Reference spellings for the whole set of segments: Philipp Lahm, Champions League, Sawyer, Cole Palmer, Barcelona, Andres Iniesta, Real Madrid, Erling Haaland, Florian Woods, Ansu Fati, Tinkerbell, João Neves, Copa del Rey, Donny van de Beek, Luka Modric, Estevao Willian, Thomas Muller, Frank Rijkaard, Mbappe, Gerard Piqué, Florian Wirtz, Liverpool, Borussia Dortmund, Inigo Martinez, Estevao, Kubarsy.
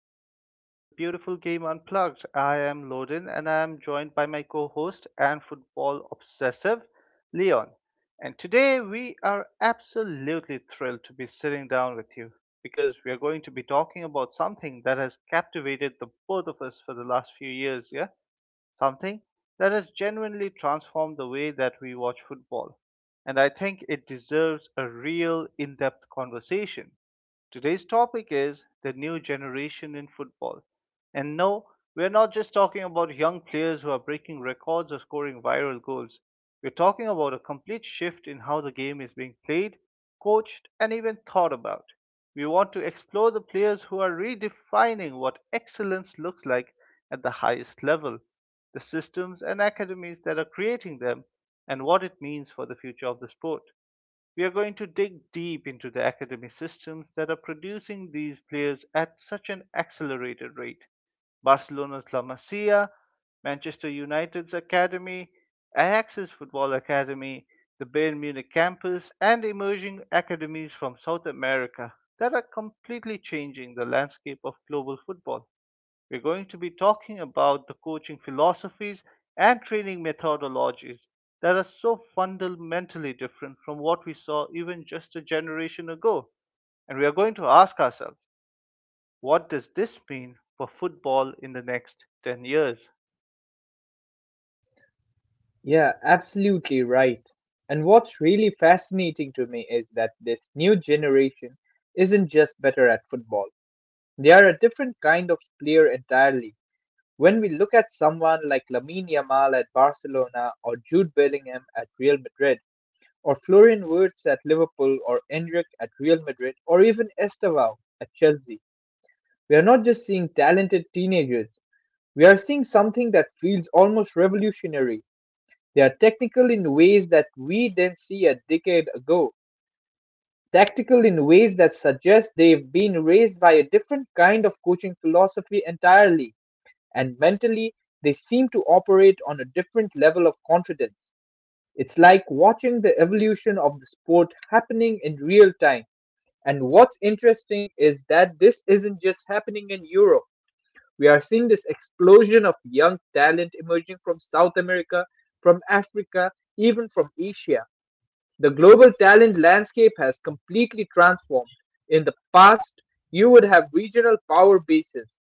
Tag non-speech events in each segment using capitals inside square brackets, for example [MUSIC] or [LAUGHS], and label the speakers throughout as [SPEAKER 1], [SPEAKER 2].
[SPEAKER 1] back to The Beautiful Game Unplugged. I am Loden, and I am joined by my co host and football obsessive, Leon. And today we are absolutely thrilled to be sitting down with you because we are going to be talking about something that has captivated the both of us for the last few years. Yeah, something that has genuinely transformed the way that we watch football. And I think it deserves a real in depth conversation. Today's topic is the new generation in football. And no, we're not just talking about young players who are breaking records or scoring viral goals. We're talking about a complete shift in how the game is being played, coached, and even thought about. We want to explore the players who are redefining what excellence looks like at the highest level, the systems and academies that are creating them, and what it means for the future of the sport. We are going to dig deep into the academy systems that are producing these players at such an accelerated rate: Barcelona's La Masia, Manchester United's Academy, Ajax's Football Academy, the Bayern Munich campus, and emerging academies from South America that are completely changing the landscape of global football. We're going to be talking about the coaching philosophies and training methodologies that are so fundamentally different from what we saw even just a generation ago. And we are going to ask ourselves, what does this mean for football in the next 10 years?
[SPEAKER 2] Yeah, absolutely right. And what's really fascinating to me is that this new generation isn't just better at football. They are a different kind of player entirely. When we look at someone like Lamine Yamal at Barcelona or Jude Bellingham at Real Madrid or Florian Wirtz at Liverpool or Endrick at Real Madrid or even Estevao at Chelsea, we are not just seeing talented teenagers. We are seeing something that feels almost revolutionary. They are technical in ways that we didn't see a decade ago, tactical in ways that suggest they've been raised by a different kind of coaching philosophy entirely, and mentally, they seem to operate on a different level of confidence. It's like watching the evolution of the sport happening in real time. And what's interesting is that this isn't just happening in Europe. We are seeing this explosion of young talent emerging from South America, from Africa, even from Asia. The global talent landscape has completely transformed. In the past, you would have regional power bases.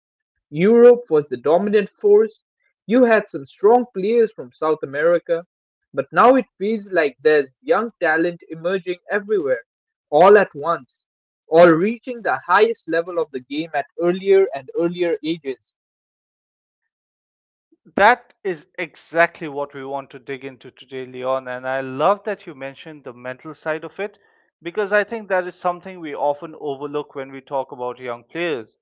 [SPEAKER 2] Europe was the dominant force. You had some strong players from South America. But now it feels like there's young talent emerging everywhere, all at once, all reaching the highest level of the game at earlier and earlier ages.
[SPEAKER 1] That is exactly what we want to dig into today, Leon. And I love that you mentioned the mental side of it, because I think that is something we often overlook when we talk about young players.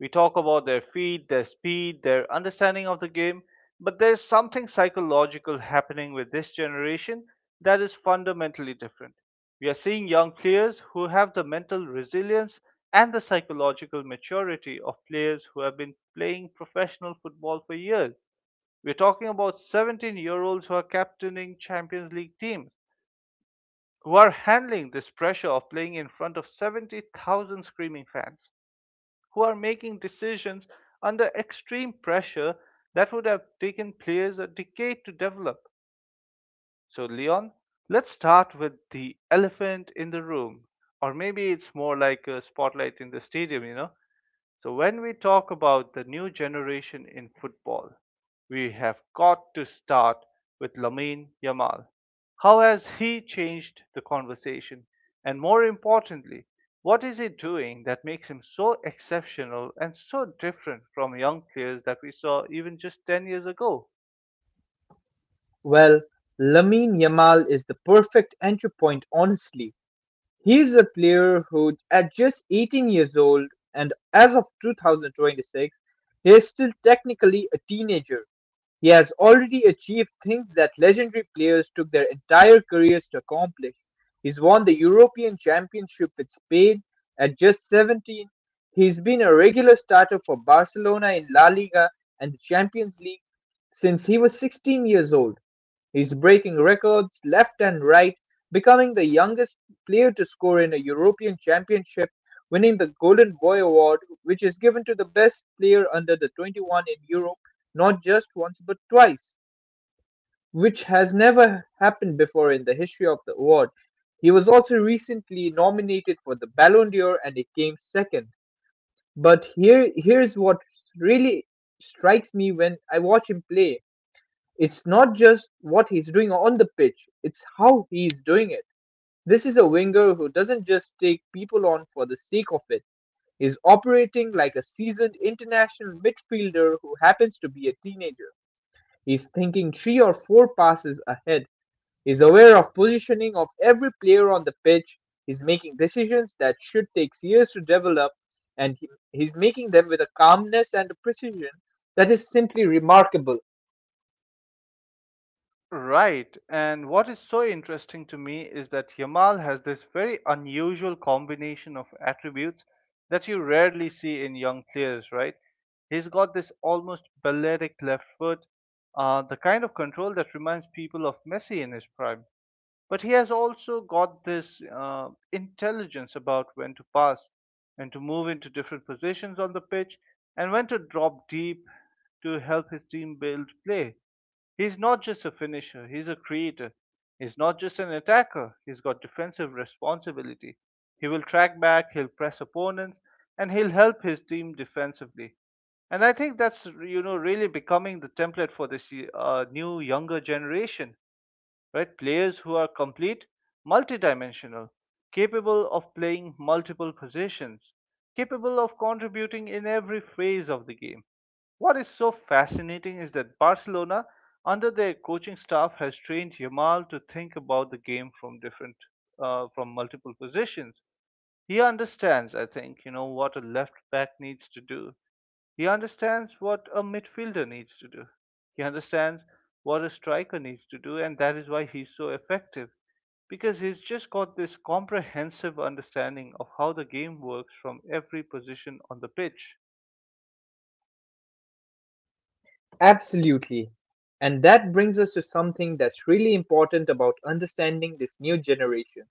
[SPEAKER 1] We talk about their feet, their speed, their understanding of the game, but there's something psychological happening with this generation that is fundamentally different. We are seeing young players who have the mental resilience and the psychological maturity of players who have been playing professional football for years. We're talking about 17-year-olds who are captaining Champions League teams, who are handling this pressure of playing in front of 70,000 screaming fans, who are making decisions under extreme pressure that would have taken players a decade to develop. So, Leon, let's start with the elephant in the room, or maybe it's more like a spotlight in the stadium, you know? So, when we talk about the new generation in football, we have got to start with Lamine Yamal. How has he changed the conversation? And more importantly, what is he doing that makes him so exceptional and so different from young players that we saw even just 10 years ago?
[SPEAKER 2] Well, Lamine Yamal is the perfect entry point, honestly. He is a player who, at just 18 years old and as of 2026, he is still technically a teenager. He has already achieved things that legendary players took their entire careers to accomplish. He's won the European Championship with Spain at just 17. He's been a regular starter for Barcelona in La Liga and the Champions League since he was 16 years old. He's breaking records left and right, becoming the youngest player to score in a European Championship, winning the Golden Boy Award, which is given to the best player under the 21 in Europe, not just once but twice, which has never happened before in the history of the award. He was also recently nominated for the Ballon d'Or and it came second. But here's what really strikes me when I watch him play. It's not just what he's doing on the pitch, it's how he's doing it. This is a winger who doesn't just take people on for the sake of it. He's operating like a seasoned international midfielder who happens to be a teenager. He's thinking three or four passes ahead. He's aware of positioning of every player on the pitch. He's making decisions that should take years to develop, and he's making them with a calmness and a precision that is simply remarkable.
[SPEAKER 1] Right. And what is so interesting to me is that Yamal has this very unusual combination of attributes that you rarely see in young players, right? He's got this almost balletic left foot, the kind of control that reminds people of Messi in his prime. But he has also got this intelligence about when to pass and to move into different positions on the pitch and when to drop deep to help his team build play. He's not just a finisher, he's a creator. He's not just an attacker, he's got defensive responsibility. He will track back, he'll press opponents, and he'll help his team defensively. And I think that's really becoming the template for this new younger generation, right? Players who are complete, multidimensional, capable of playing multiple positions, capable of contributing in every phase of the game. What is so fascinating is that Barcelona, under their coaching staff, has trained Yamal to think about the game from from multiple positions. He understands, I think, what a left back needs to do. He understands what a midfielder needs to do. He understands what a striker needs to do, and that is why he's so effective, because he's just got this comprehensive understanding of how the game works from every position on the pitch.
[SPEAKER 2] Absolutely. And that brings us to something that's really important about understanding this new generation.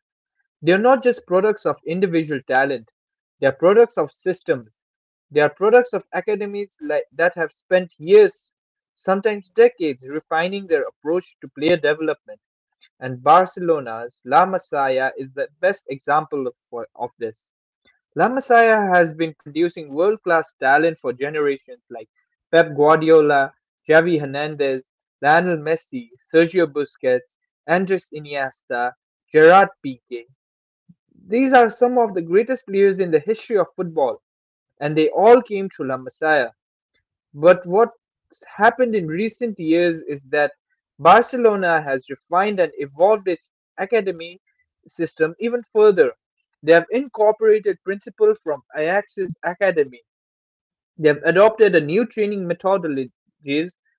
[SPEAKER 2] They are not just products of individual talent, they are products of systems. They are products of academies that have spent years, sometimes decades, refining their approach to player development. And Barcelona's La Masia is the best example of this. La Masia has been producing world class talent for generations like Pep Guardiola, Xavi Hernandez, Lionel Messi, Sergio Busquets, Andres Iniesta, Gerard Piqué. These are some of the greatest players in the history of football, and they all came through La Masia. But what's happened in recent years is that Barcelona has refined and evolved its academy system even further. They have incorporated principles from Ajax's academy. They have adopted a new training methodologies. They've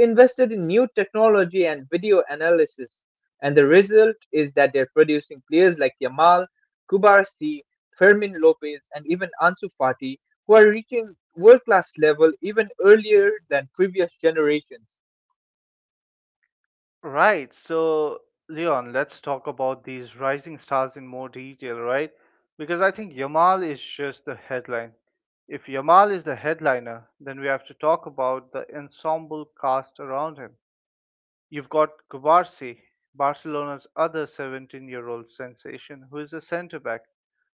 [SPEAKER 2] invested in new technology and video analysis, and the result is that they're producing players like Yamal, Kubarasi, Fermin Lopez, and even Ansu Fati, who are reaching world class level even earlier than previous generations.
[SPEAKER 1] Right. So, Leon, let's talk about these rising stars in more detail, right? Because I think Yamal is just the headline. If Yamal is the headliner, then we have to talk about the ensemble cast around him. You've got Gubarsi, Barcelona's other 17-year-old sensation, who is a centre back.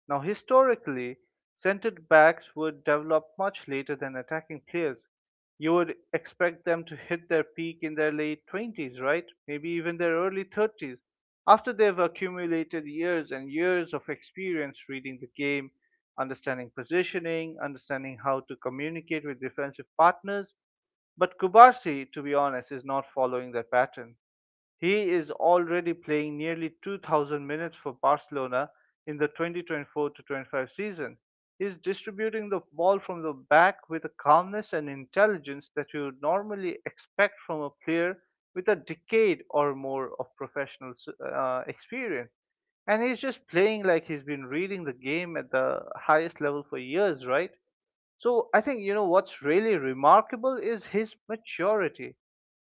[SPEAKER 1] Now, historically, centre backs would develop much later than attacking players. You would expect them to hit their peak in their late 20s, right? Maybe even their early 30s, after they've accumulated years and years of experience reading the game, understanding positioning, understanding how to communicate with defensive partners. But Kubarsy, to be honest, is not following that pattern. He is already playing nearly 2,000 minutes for Barcelona in the 2024 25 season. He is distributing the ball from the back with a calmness and intelligence that you would normally expect from a player with a decade or more of professional experience. And he's just playing like he's been reading the game at the highest level for years, right? So I think, you know, what's really remarkable is his maturity.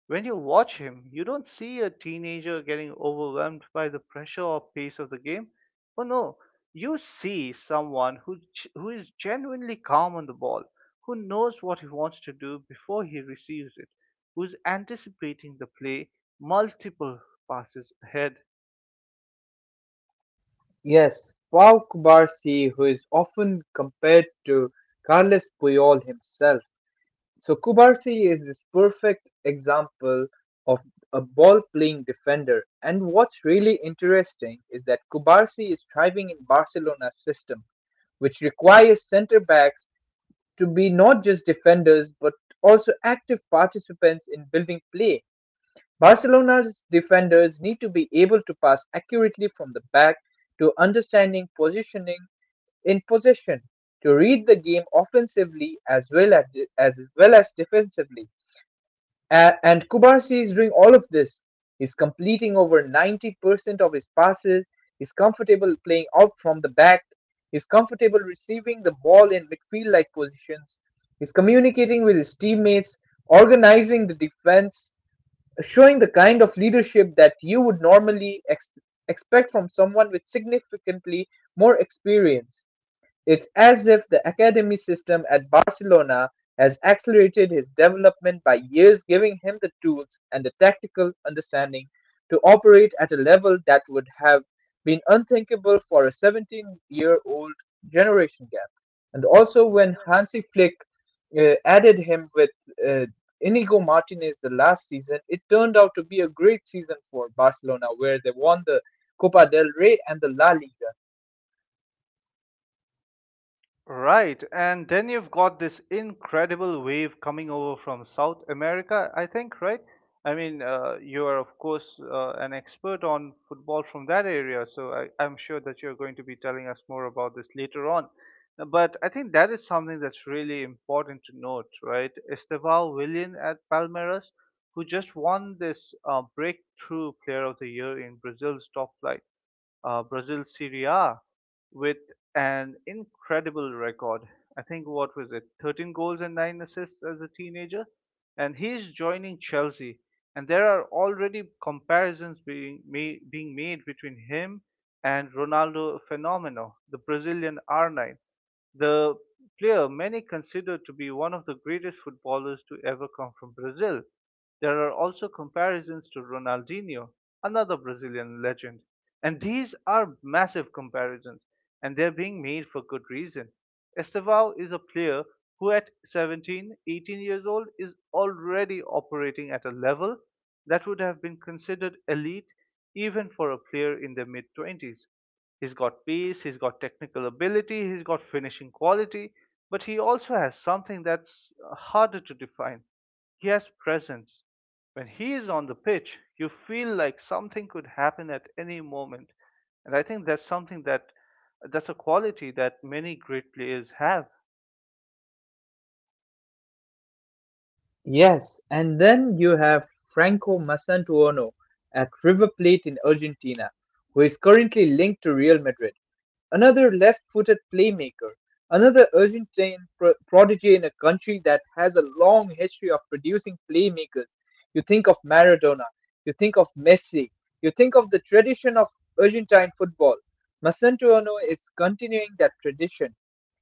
[SPEAKER 1] When you watch him, you don't see a teenager getting overwhelmed by the pressure or pace of the game. Oh no, you see someone who is genuinely calm on the ball, who knows what he wants to do before he receives it, who's anticipating the play multiple passes ahead.
[SPEAKER 2] Yes, Pau Kubarsi, who is often compared to Carles Puyol himself, so Kubarsi is this perfect example of a ball playing defender. And what's really interesting is that Kubarsi is thriving in Barcelona's system, which requires center backs to be not just defenders but also active participants in building play. Barcelona's defenders need to be able to pass accurately from the back to understanding positioning in possession to read the game offensively as well as defensively. And Kubarsi is doing all of this. He's completing over 90% of his passes. He's comfortable playing out from the back. He's comfortable receiving the ball in midfield like positions. He's communicating with his teammates, organizing the defense, showing the kind of leadership that you would normally expect from someone with significantly more experience. It's as if the academy system at Barcelona has accelerated his development by years giving him the tools and the tactical understanding to operate at a level that would have been unthinkable for a 17-year-old generation gap. And also when Hansi Flick added him with uh, Inigo Martinez the last season, it turned out to be a great season for Barcelona, where they won the Copa del Rey and the La Liga.
[SPEAKER 1] Right, and then you've got this incredible wave coming over from South America, I think, right? I mean, you are, of course, an expert on football from that area, so I'm sure that you're going to be telling us more about this later on. But I think that is something that's really important to note, right? Estevao Willian at Palmeiras, who just won this Breakthrough Player of the Year in Brazil's top flight, Brazil Serie A, with an incredible record. I think what was it, 13 goals and 9 assists as a teenager, and he's joining Chelsea. And there are already comparisons being made between him and Ronaldo Fenomeno, the Brazilian R9, the player many consider to be one of the greatest footballers to ever come from Brazil. There are also comparisons to Ronaldinho, another Brazilian legend, and these are massive comparisons, and they're being made for good reason. Estevao is a player who at 17, 18 years old is already operating at a level that would have been considered elite even for a player in their mid 20s. He's got pace, he's got technical ability, he's got finishing quality, but he also has something that's harder to define. He has presence. When he is on the pitch, you feel like something could happen at any moment. And I think that's something that's a quality that many great players have.
[SPEAKER 2] Yes, and then you have Franco Masantuono at River Plate in Argentina, who is currently linked to Real Madrid. Another left-footed playmaker, another Argentine prodigy in a country that has a long history of producing playmakers. You think of Maradona, you think of Messi, you think of the tradition of Argentine football. Masantuono is continuing that tradition.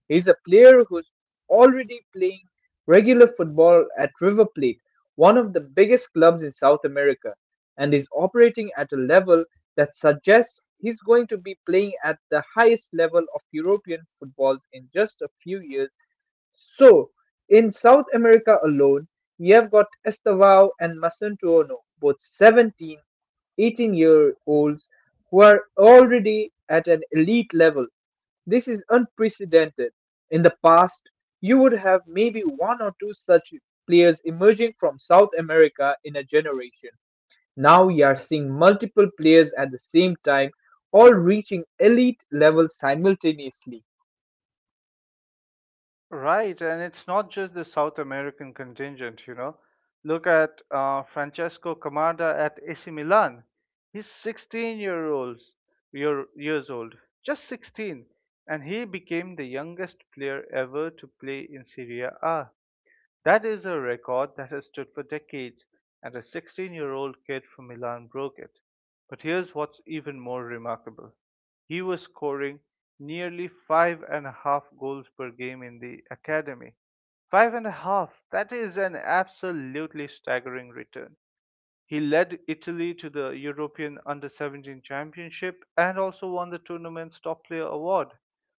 [SPEAKER 2] He's a player who's already playing regular football at River Plate, one of the biggest clubs in South America, and is operating at a level that suggests he's going to be playing at the highest level of European footballs in just a few years. So, in South America alone, you have got Estevao and Masunto Ono, both 17, 18 year olds who are already at an elite level. This is unprecedented. In the past, you would have maybe one or two such players emerging from South America in a generation. Now you are seeing multiple players at the same time, all reaching elite level simultaneously.
[SPEAKER 1] Right, and it's not just the South American contingent, you know. Look at Francesco Camarda at AC Milan. He's 16 years old, just 16, and he became the youngest player ever to play in Serie A. That is a record that has stood for decades, and a 16-year-old kid from Milan broke it. But here's what's even more remarkable: he was scoring nearly five and a half goals per game in the academy. Five and a half! That is an absolutely staggering return. He led Italy to the European Under 17 Championship and also won the tournament's top player award.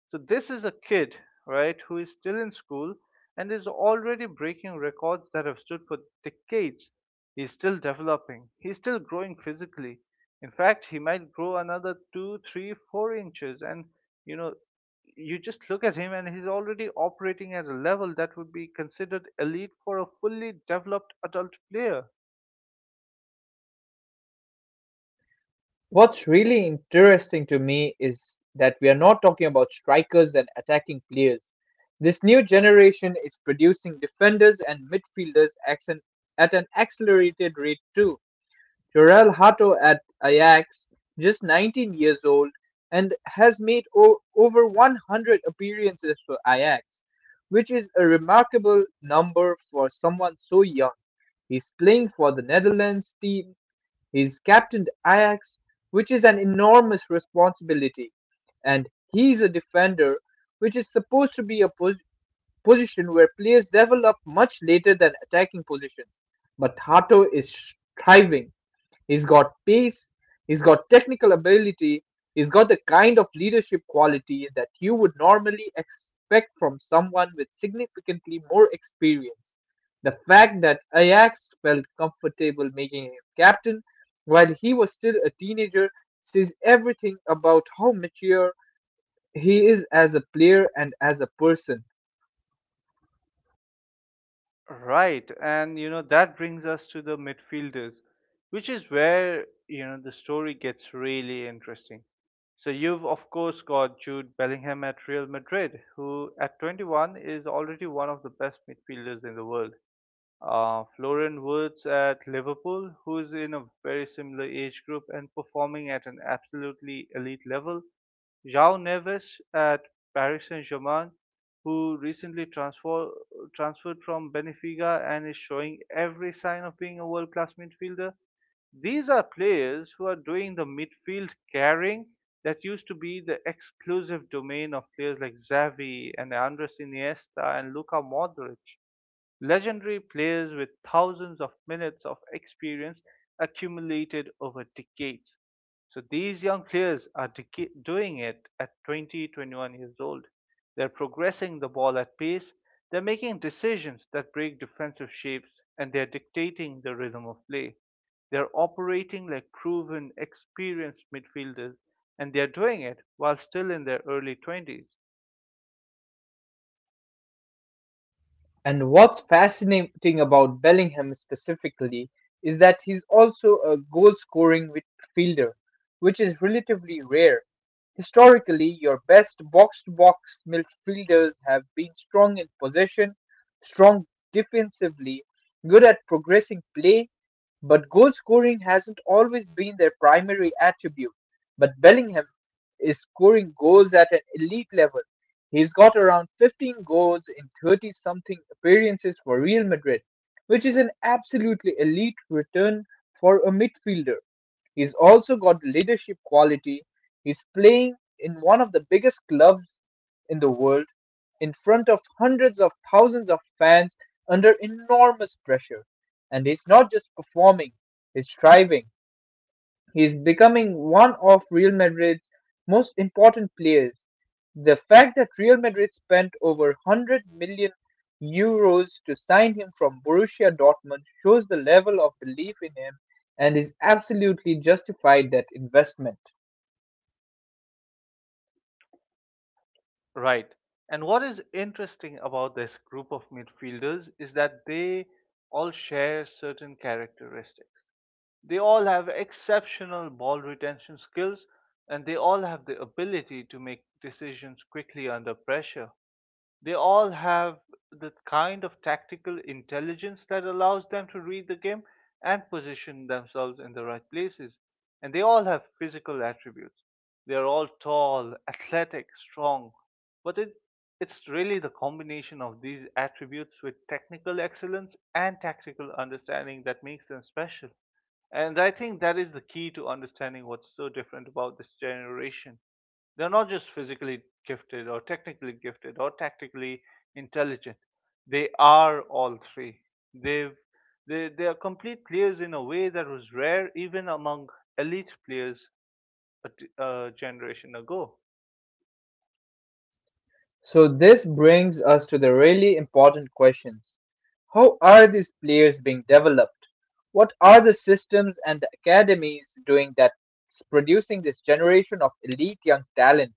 [SPEAKER 1] So, this is a kid, right, who is still in school and is already breaking records that have stood for decades. He's still developing, he's still growing physically. In fact, he might grow another two, three, 4 inches. And, you know, you just look at him and he's already operating at a level that would be considered elite for a fully developed adult player.
[SPEAKER 2] What's really interesting to me is that we are not talking about strikers and attacking players. This new generation is producing defenders and midfielders at an accelerated rate too. Jorel Hato at Ajax, just 19 years old, and has made over 100 appearances for Ajax, which is a remarkable number for someone so young. He's playing for the Netherlands team, he's captained Ajax, which is an enormous responsibility, and he's a defender, which is supposed to be a position where players develop much later than attacking positions. But Hato is thriving. He's got pace, he's got technical ability, he's got the kind of leadership quality that you would normally expect from someone with significantly more experience. The fact that Ajax felt comfortable making him captain while he was still a teenager says everything about how mature he is as a player and as a person.
[SPEAKER 1] Right, and you know that brings us to the midfielders, which is where, you know, the story gets really interesting. So you've of course got Jude Bellingham at Real Madrid, who at 21 is already one of the best midfielders in the world. Florian Wirtz at Liverpool, who's in a very similar age group and performing at an absolutely elite level, João Neves at Paris Saint-Germain, who recently transferred from Benfica and is showing every sign of being a world-class midfielder. These are players who are doing the midfield carrying that used to be the exclusive domain of players like Xavi and Andres Iniesta and Luka Modric, legendary players with thousands of minutes of experience accumulated over decades. So these young players are doing it at 20, 21 years old. They're progressing the ball at pace, they're making decisions that break defensive shapes, and they're dictating the rhythm of play. They're operating like proven, experienced midfielders, and they're doing it while still in their early 20s.
[SPEAKER 2] And what's fascinating about Bellingham specifically is that he's also a goal scoring midfielder, which is relatively rare. Historically, your best box to box midfielders have been strong in possession, strong defensively, good at progressing play, but goal scoring hasn't always been their primary attribute. But Bellingham is scoring goals at an elite level. He's got around 15 goals in 30 something appearances for Real Madrid, which is an absolutely elite return for a midfielder. He's also got the leadership quality. He's playing in one of the biggest clubs in the world in front of hundreds of thousands of fans under enormous pressure. And he's not just performing, he's striving. He's becoming one of Real Madrid's most important players. The fact that Real Madrid spent over €100 million to sign him from Borussia Dortmund shows the level of belief in him and is absolutely justified that investment.
[SPEAKER 1] Right. And what is interesting about this group of midfielders is that they all share certain characteristics. They all have exceptional ball retention skills, and they all have the ability to make decisions quickly under pressure. They all have the kind of tactical intelligence that allows them to read the game and position themselves in the right places. And they all have physical attributes. They are all tall, athletic, strong. But it's really the combination of these attributes with technical excellence and tactical understanding that makes them special. And I think that is the key to understanding what's so different about this generation. They're not just physically gifted or technically gifted or tactically intelligent. They are all three. They've, they are complete players in a way that was rare even among elite players a generation ago.
[SPEAKER 2] So this brings us to the really important questions. How are these players being developed? What are the systems and the academies doing that's producing this generation of elite young talent?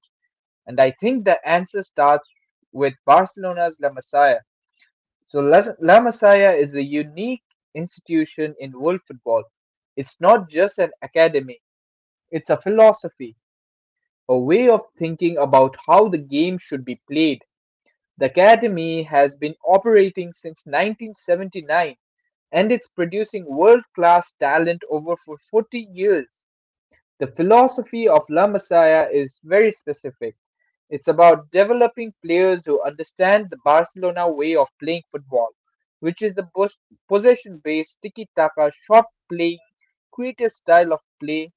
[SPEAKER 2] And I think the answer starts with Barcelona's La Masia. So La Masia is a unique institution in world football. It's not just an academy, it's a philosophy, a way of thinking about how the game should be played. The Academy has been operating since 1979 and it's producing world-class talent over for 40 years. The philosophy of La Masia is very specific. It's about developing players who understand the Barcelona way of playing football, which is a possession-based tiki-taka shot playing creative style of play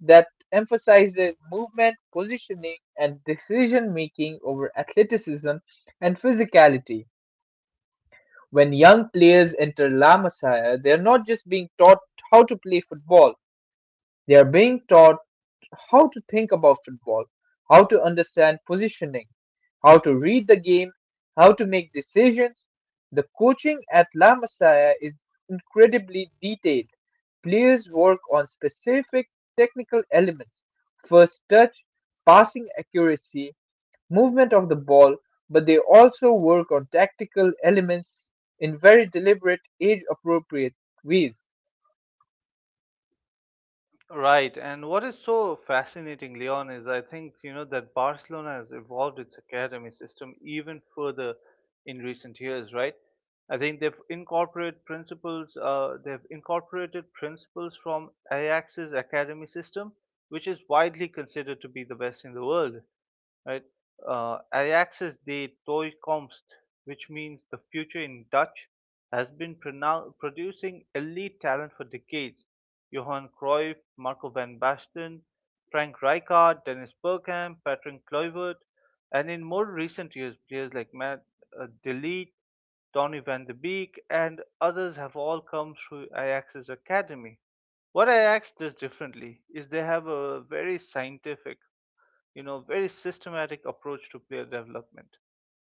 [SPEAKER 2] that emphasizes movement, positioning, and decision making over athleticism and physicality. When young players enter La Masia, they are not just being taught how to play football, they are being taught how to think about football, how to understand positioning, how to read the game, how to make decisions. The coaching at La Masia is incredibly detailed. Players work on specific technical elements first touch, passing accuracy, movement of the ball, but they also work on tactical elements in very deliberate, age appropriate ways.
[SPEAKER 1] Right, and what is so fascinating, Leon, is I think you know that Barcelona has evolved its academy system even further in recent years, right? I think they've incorporated principles. They've incorporated principles from Ajax's academy system, which is widely considered to be the best in the world, right? Ajax's de toekomst, which means the future in Dutch, has been producing elite talent for decades. Johan Cruyff, Marco van Basten, Frank Rijkaard, Dennis Bergkamp, Patrick Kluivert, and in more recent years, players like Matt De Ligt, Donny van de Beek, and others have all come through Ajax's academy. What I ask this differently is they have a very scientific, you know, very systematic approach to player development.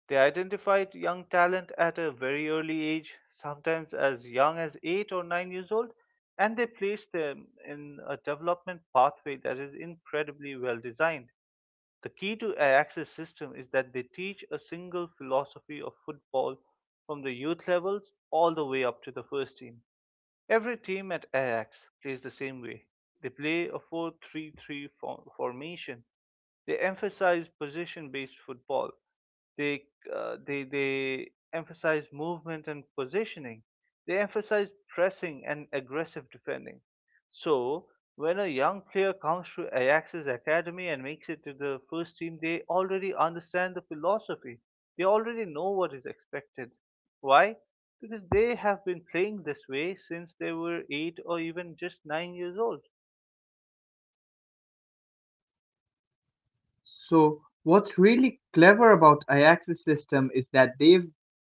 [SPEAKER 1] They identified young talent at a very early age, sometimes as young as 8 or 9 years old, and they placed them in a development pathway that is incredibly well designed. The key to Ajax's system is that they teach a single philosophy of football from the youth levels all the way up to the first team. Every team at Ajax plays the same way. They play a four-three-three formation. They emphasize position-based football. They emphasize movement and positioning. They emphasize pressing and aggressive defending. So when a young player comes to Ajax's academy and makes it to the first team, they already understand the philosophy. They already know what is expected. Why? Because they have been playing this way since they were eight or even just 9 years old.
[SPEAKER 2] So what's really clever about Ajax's system is that they've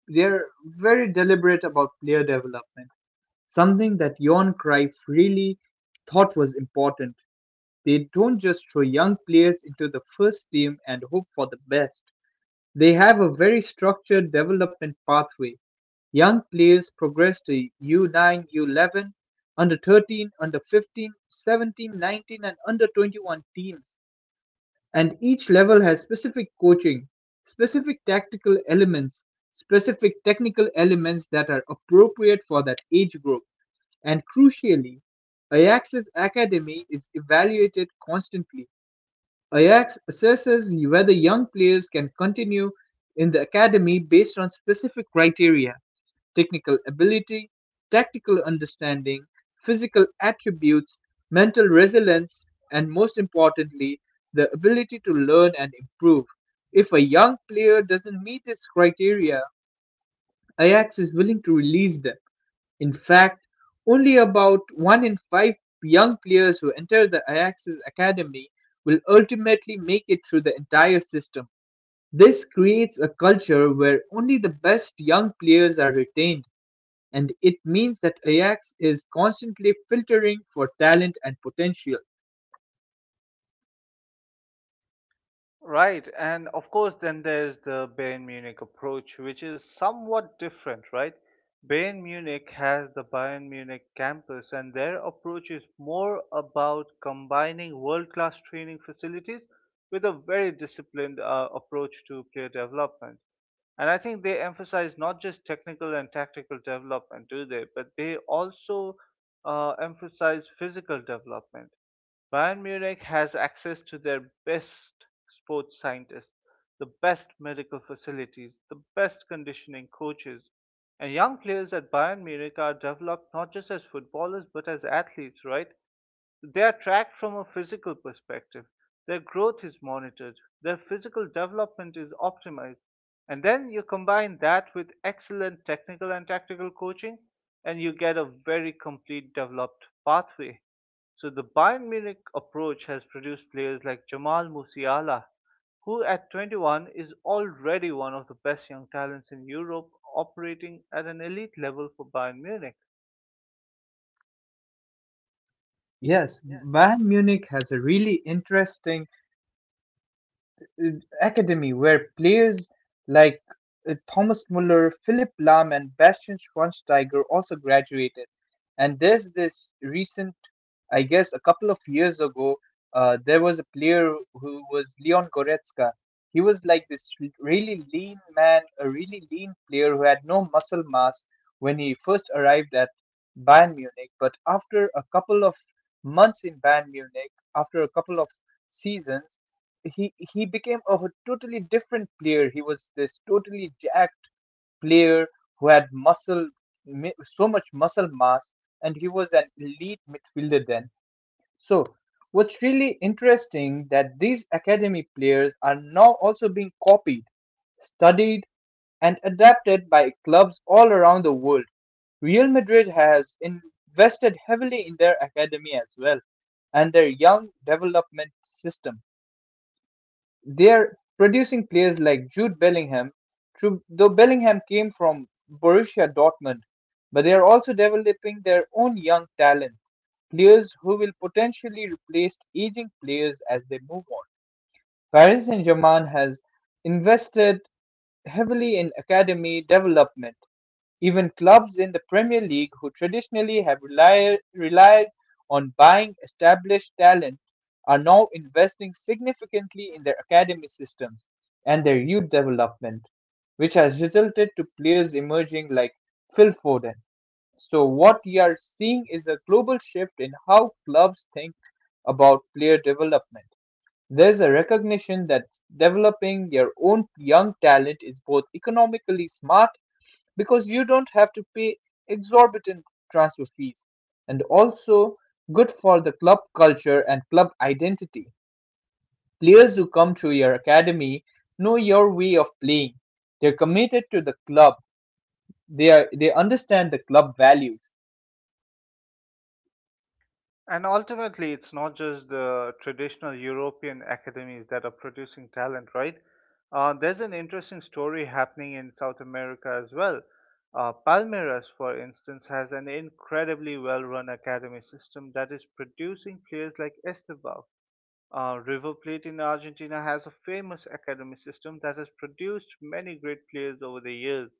[SPEAKER 2] they're very deliberate about player development, something that Johan Cruyff really thought was important. They don't just throw young players into the first team and hope for the best. They have a very structured development pathway. Young players progress to U-nine, U-11, under-13, under-15, 17, 19 and under-21 teams, and each level has specific coaching, specific tactical elements, specific technical elements that are appropriate for that age group. And crucially, Ajax's academy is evaluated constantly. Ajax assesses whether young players can continue in the academy based on specific criteria: technical ability, tactical understanding, physical attributes, mental resilience, and most importantly, the ability to learn and improve. If a young player doesn't meet this criteria, Ajax is willing to release them. In fact, only about one in five young players who enter the Ajax's academy will ultimately make it through the entire system. This creates a culture where only the best young players are retained, and it means that Ajax is constantly filtering for talent and potential.
[SPEAKER 1] Right, and of course, then there's the Bayern Munich approach, which is somewhat different, right? Bayern Munich has the Bayern Munich campus, and their approach is more about combining world class training facilities with a very disciplined approach to player development. And I think they emphasize not just technical and tactical development, do they? But they also emphasize physical development. Bayern Munich has access to their best sports scientists, the best medical facilities, the best conditioning coaches, and young players at Bayern Munich are developed not just as footballers but as athletes, right? They are tracked from a physical perspective, their growth is monitored, their physical development is optimized, and then you combine that with excellent technical and tactical coaching, and you get a very complete developed pathway. So the Bayern Munich approach has produced players like Jamal Musiala, who at 21 is already one of the best young talents in Europe operating at an elite level for Bayern Munich.
[SPEAKER 2] Yes,
[SPEAKER 1] Yeah,
[SPEAKER 2] Bayern Munich has a really interesting uh, academy where players like Thomas Muller, Philipp Lahm, and Bastian Schweinsteiger also graduated. And there's this recent, I guess, a couple of years ago, there was a player who was Leon Goretzka. He was like this really lean man, a really lean player who had no muscle mass when he first arrived at Bayern Munich. But after a couple of months in Bayern Munich, after a couple of seasons, he became a totally different player. He was this totally jacked player who had so much muscle mass, and he was an elite midfielder then. So what's really interesting, that these academy players are now also being copied, studied and adapted by clubs all around the world. Real Madrid has invested heavily in their academy as well, and their young development system. They are producing players like Jude Bellingham, though Bellingham came from Borussia Dortmund, but they are also developing their own young talent, players who will potentially replace aging players as they move on. Paris Saint-Germain has invested heavily in academy development. Even clubs in the Premier League who traditionally have relied on buying established talent are now investing significantly in their academy systems and their youth development, which has resulted to players emerging like Phil Foden. So what we are seeing is a global shift in how clubs think about player development. There's a recognition that developing your own young talent is both economically smart, because you don't have to pay exorbitant transfer fees, and also good for the club culture and club identity. Players who come through your academy know your way of playing. They're committed to the club. They understand the club values.
[SPEAKER 1] and ultimately, it's not just the traditional European academies that are producing talent, right? There's an interesting story happening in South America as well. Palmeiras, for instance, has an incredibly well run academy system that is producing players like Estevao. River Plate in Argentina has a famous academy system that has produced many great players over the years.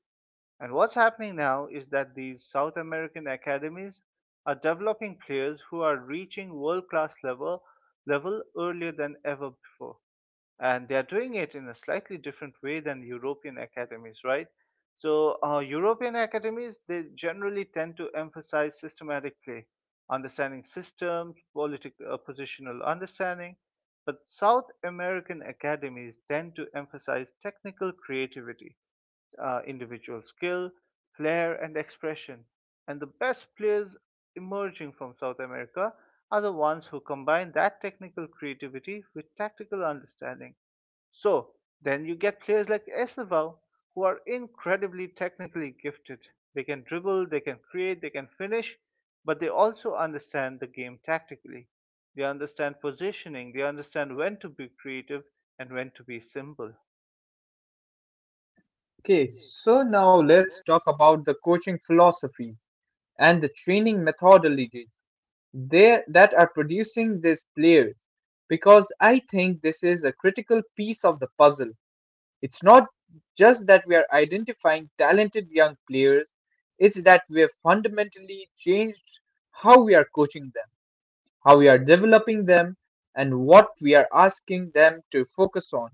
[SPEAKER 1] And what's happening now is that these South American academies are developing players who are reaching world class level earlier than ever before. And they are doing it in a slightly different way than European academies, right? So European academies, they generally tend to emphasize systematic play, understanding systems, political positional understanding, but South American academies tend to emphasize technical creativity, individual skill, flair, and expression. And the best players emerging from South America are the ones who combine that technical creativity with tactical understanding. So then you get players like Estevao, who are incredibly technically gifted. They can dribble, they can create, they can finish, but they also understand the game tactically. They understand positioning, they understand when to be creative and when to be simple.
[SPEAKER 2] Okay,
[SPEAKER 1] Okay,
[SPEAKER 2] so
[SPEAKER 1] so
[SPEAKER 2] now
[SPEAKER 1] now
[SPEAKER 2] let's talk about the coaching philosophies and the training methodologies there that are producing these players, because I think this is a critical piece of the puzzle. It's not just that we are identifying talented young players, it's that we have fundamentally changed how we are coaching them, how we are developing them, and what we are asking them to focus on.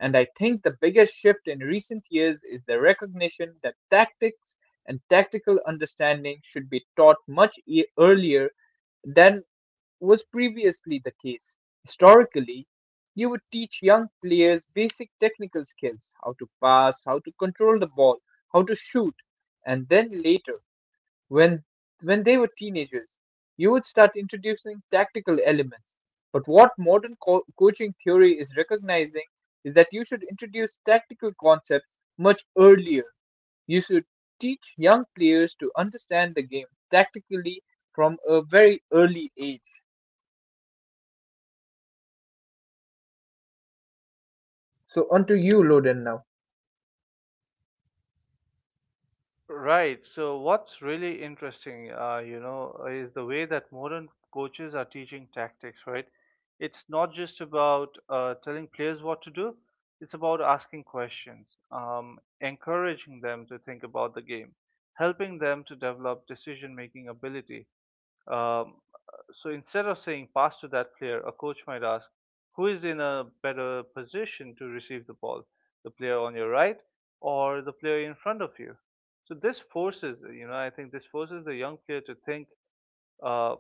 [SPEAKER 2] And I think the biggest shift in recent years is the recognition that tactics and tactical understanding should be taught much earlier than was previously the case. Historically, you would teach young players basic technical skills: how to pass, how to control the ball, how to shoot, and then later, when when they were teenagers, you would start introducing tactical elements. But what modern coaching theory is recognizing is that you should introduce tactical concepts much earlier. You should teach young players to understand the game tactically from a very early age. So onto you, Loden, now.
[SPEAKER 1] right. So what's really interesting, you know, is the way that modern coaches are teaching tactics, right? It's not just about telling players what to do, it's about asking questions, encouraging them to think about the game, helping them to develop decision-making ability. um, so instead of saying pass to that player, a coach might ask, who is in a better position to receive the ball, the player on your right or the player in front of you? So this forces, you know, I think this forces the young player to think, uh,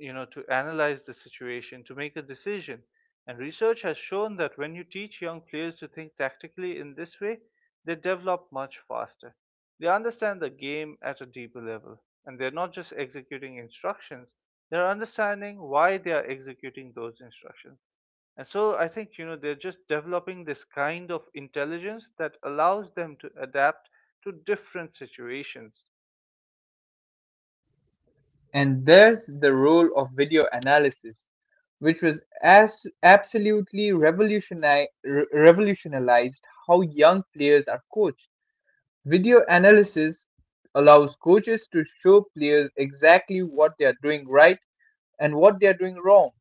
[SPEAKER 1] you know, to analyze the situation, to make a decision. And research has shown that when you teach young players to think tactically in this way, they develop much faster. They understand the game at a deeper level, and they're not just executing instructions, they're understanding why they are executing those instructions. And so I think, you know, they're just developing this kind of intelligence that allows them to adapt to different situations.
[SPEAKER 2] And there's the role of video analysis, which was as absolutely revolutionized how young players are coached. Video analysis allows coaches to show players exactly what they are doing right and what they are doing wrong.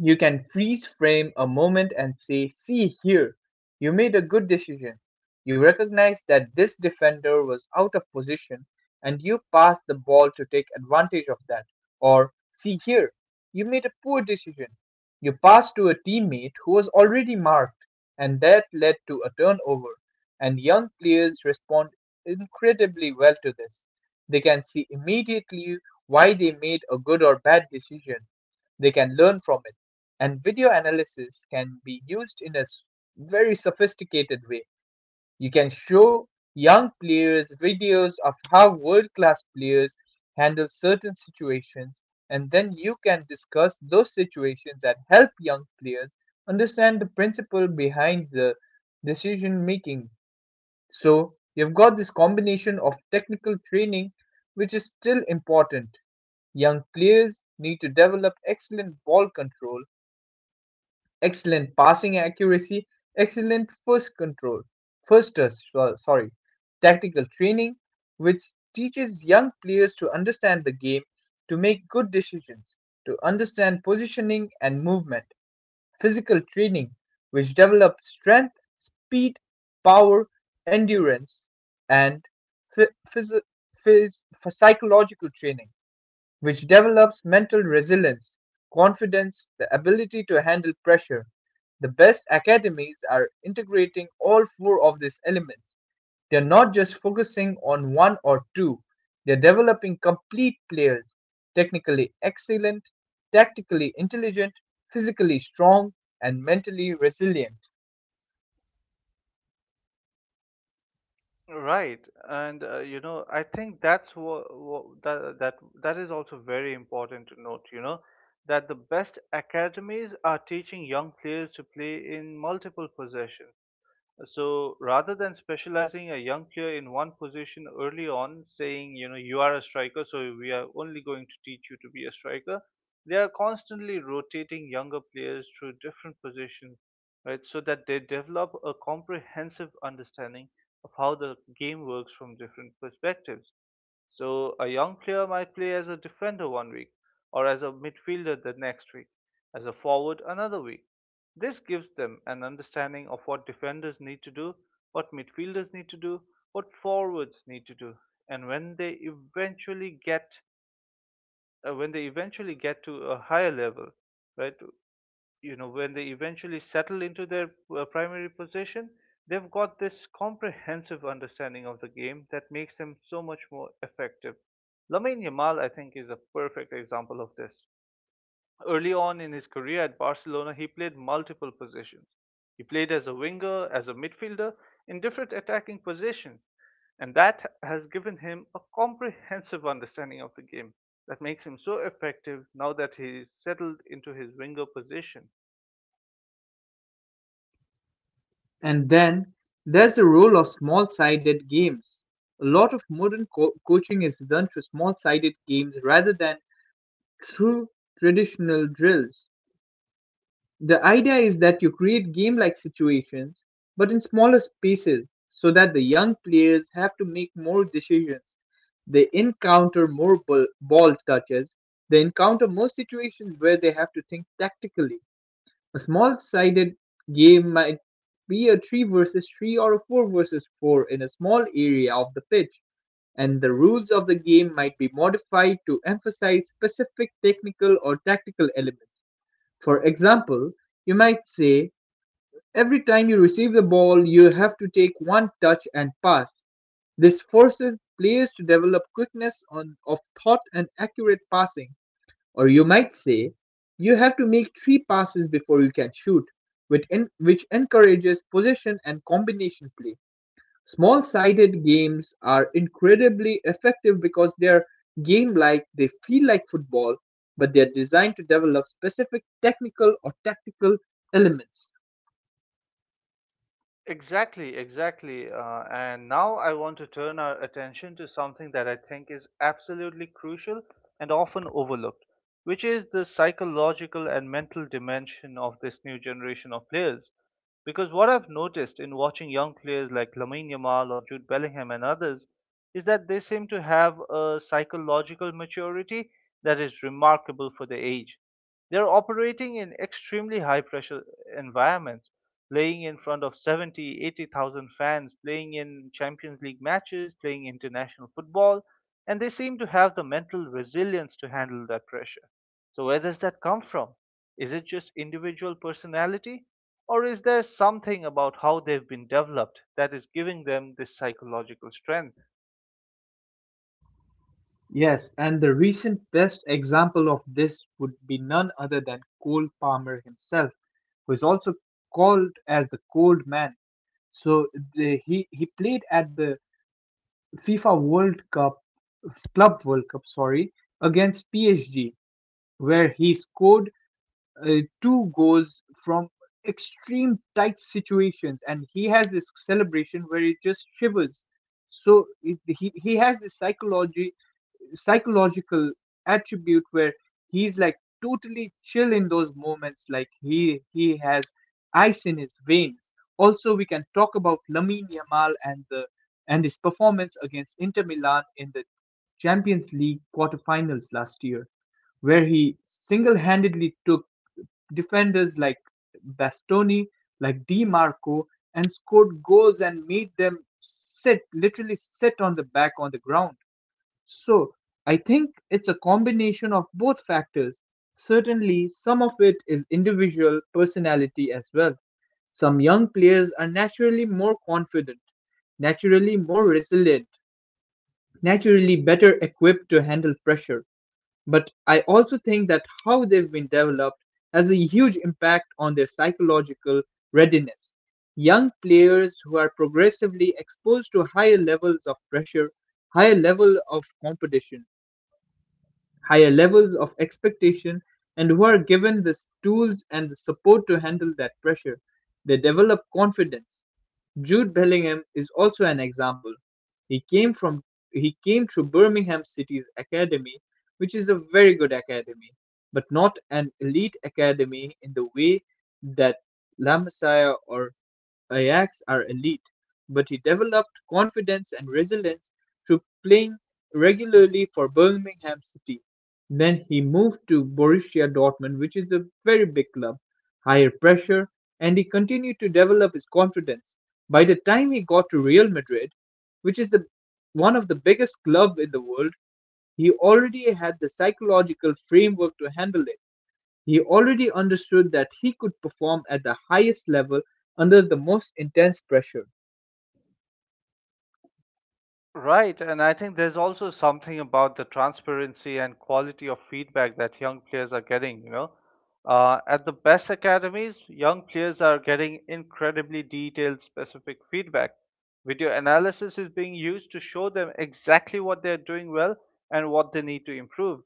[SPEAKER 2] You can freeze frame a moment and say, "See here, you made a good decision. You recognize that this defender was out of position and you passed the ball to take advantage of that." Or, "See here, you made a poor decision. You passed to a teammate who was already marked, and that led to a turnover." And young players respond incredibly well to this. They can see immediately why they made a good or bad decision, they can learn from it. And video analysis can be used in a very sophisticated way. You can show young players videos of how world class players handle certain situations, and then you can discuss those situations that help young players understand the principle behind the decision making. So, you've got this combination of technical training, which is still important. Young players need to develop excellent ball control, excellent passing accuracy, excellent first control, first touch, sorry; tactical training, which teaches young players to understand the game, to make good decisions, to understand positioning and movement; physical training, which develops strength, speed, power, endurance; and phy- phys- phys- psychological training, which develops mental resilience, confidence, the ability to handle pressure. The best academies are integrating all four of these elements. They're not just focusing on one or two, they're developing complete players: technically excellent, tactically intelligent, physically strong, and mentally resilient.
[SPEAKER 1] Right, and you know, I think that's what, that that that is also very important to note. You know, that the best academies are teaching young players to play in multiple positions. So rather than specializing a young player in one position early on, saying, you know, you are a striker, so we are only going to teach you to be a striker, they are constantly rotating younger players through different positions, right? So that they develop a comprehensive understanding of how the game works from different perspectives. So a young player might play as a defender one week, or as a midfielder the next week, as a forward another week. This gives them an understanding of what defenders need to do, what midfielders need to do, what forwards need to do, and when they eventually get when they eventually get to a higher level, right? You know, when they eventually settle into their primary position, they've got this comprehensive understanding of the game that makes them so much more effective. Lamine Yamal, I think, is a perfect example of this. Early on in his career at Barcelona, he played multiple positions. He played as a winger, as a midfielder, in different attacking positions, and that has given him a comprehensive understanding of the game that makes him so effective now that he is settled into his winger position.
[SPEAKER 2] And then there's the role of small sided games. A lot of modern coaching is done through small sided games rather than through traditional drills. The idea is that you create game like situations, but in smaller spaces, so that the young players have to make more decisions. They encounter more ball touches, they encounter more situations where they have to think tactically. A small-sided game might be a three versus three or a four versus four in a small area of the pitch, and the rules of the game might be modified to emphasize specific technical or tactical elements. For example, you might say, "Every time you receive the ball, you have to take one touch and pass." This forces players to develop quickness of thought and accurate passing. Or you might say, "You have to make three passes before you can shoot," which, which encourages possession and combination play. Small sided games are incredibly effective because they're game like, they feel like football, but they're designed to develop specific technical or tactical elements.
[SPEAKER 1] Exactly, exactly. And now I want to turn our attention to something that I think is absolutely crucial and often overlooked, which is the psychological and mental dimension of this new generation of players. Because what I've noticed in watching young players like Lamine Yamal or Jude Bellingham and others is that they seem to have a psychological maturity that is remarkable for their age. They're operating in extremely high pressure environments, playing in front of 70, 80,000 fans, playing in Champions League matches, playing international football, and they seem to have the mental resilience to handle that pressure. So where does that come from? Is it just individual personality? Or is there something about how they've been developed that is giving them this psychological strength?
[SPEAKER 2] Yes, and the recent best example of this would be none other than Cole Palmer himself, who is also called as the cold man. So he played at the FIFA World Cup, Club World Cup, sorry, against PSG, where he scored two goals from extreme tight situations, and he has this celebration where he just shivers. So he has this psychology psychological attribute where he's like totally chill in those moments. Like he has ice in his veins. Also we can talk about Lamine Yamal and the and his performance against Inter Milan in the Champions League quarterfinals last year, where he single-handedly took defenders like Bastoni, like Di Marco, and scored goals and made them sit, literally sit on the back, on the ground. So, I think it's a combination of both factors. Certainly, some of it is individual personality as well. Some young players are naturally more confident, naturally more resilient, naturally better equipped to handle pressure. But I also think that how they've been developed has a huge impact on their psychological readiness. Young players who are progressively exposed to higher levels of pressure, higher level of competition, higher levels of expectation, and who are given the tools and the support to handle that pressure. They develop confidence. Jude Bellingham is also an example. He came from he came through Birmingham City's academy, which is a very good academy, but not an elite academy in the way that La Masia or Ajax are elite, but he developed confidence and resilience through playing regularly for Birmingham City. Then he moved to Borussia Dortmund, which is a very big club, higher pressure, and he continued to develop his confidence. By the time he got to Real Madrid, which is the one of the biggest clubs in the world, he already had the psychological framework to handle it. He already understood that he could perform at the highest level under the most intense pressure.
[SPEAKER 1] Right, and I think there's also something about the transparency and quality of feedback that young players are getting, you know. At the best academies, young players are getting incredibly detailed, specific feedback. Video analysis is being used to show them exactly what they're doing well and what they need to improve.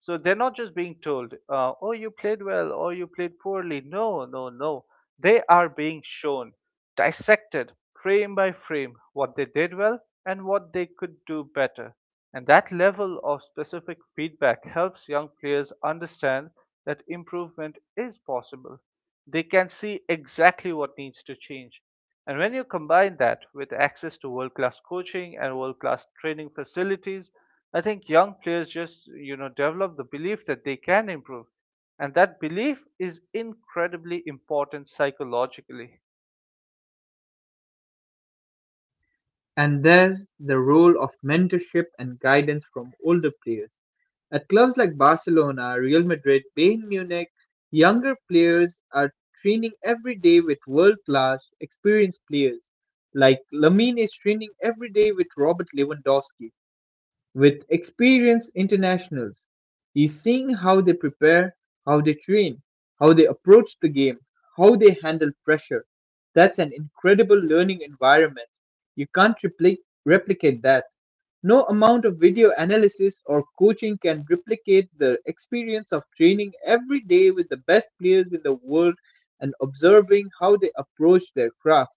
[SPEAKER 1] So they're not just being told, oh, you played well or you played poorly. No, no, no. They are being shown, dissected frame by frame, what they did well and what they could do better. And that level of specific feedback helps young players understand that improvement is possible. They can see exactly what needs to change, and when you combine that with access to world class coaching and world class training facilities, I think young players just, you know, develop the belief that they can improve. And that belief is incredibly important psychologically.
[SPEAKER 2] And there's the role of mentorship and guidance from older players. At clubs like Barcelona, Real Madrid, Bayern Munich, younger players are training every day with world class, experienced players. Like Lamine is training every day with Robert Lewandowski, with experienced internationals. He's seeing how they prepare, how they train, how they approach the game, how they handle pressure. That's an incredible learning environment. You can't replicate that. No amount of video analysis or coaching can replicate the experience of training every day with the best players in the world and observing how they approach their craft.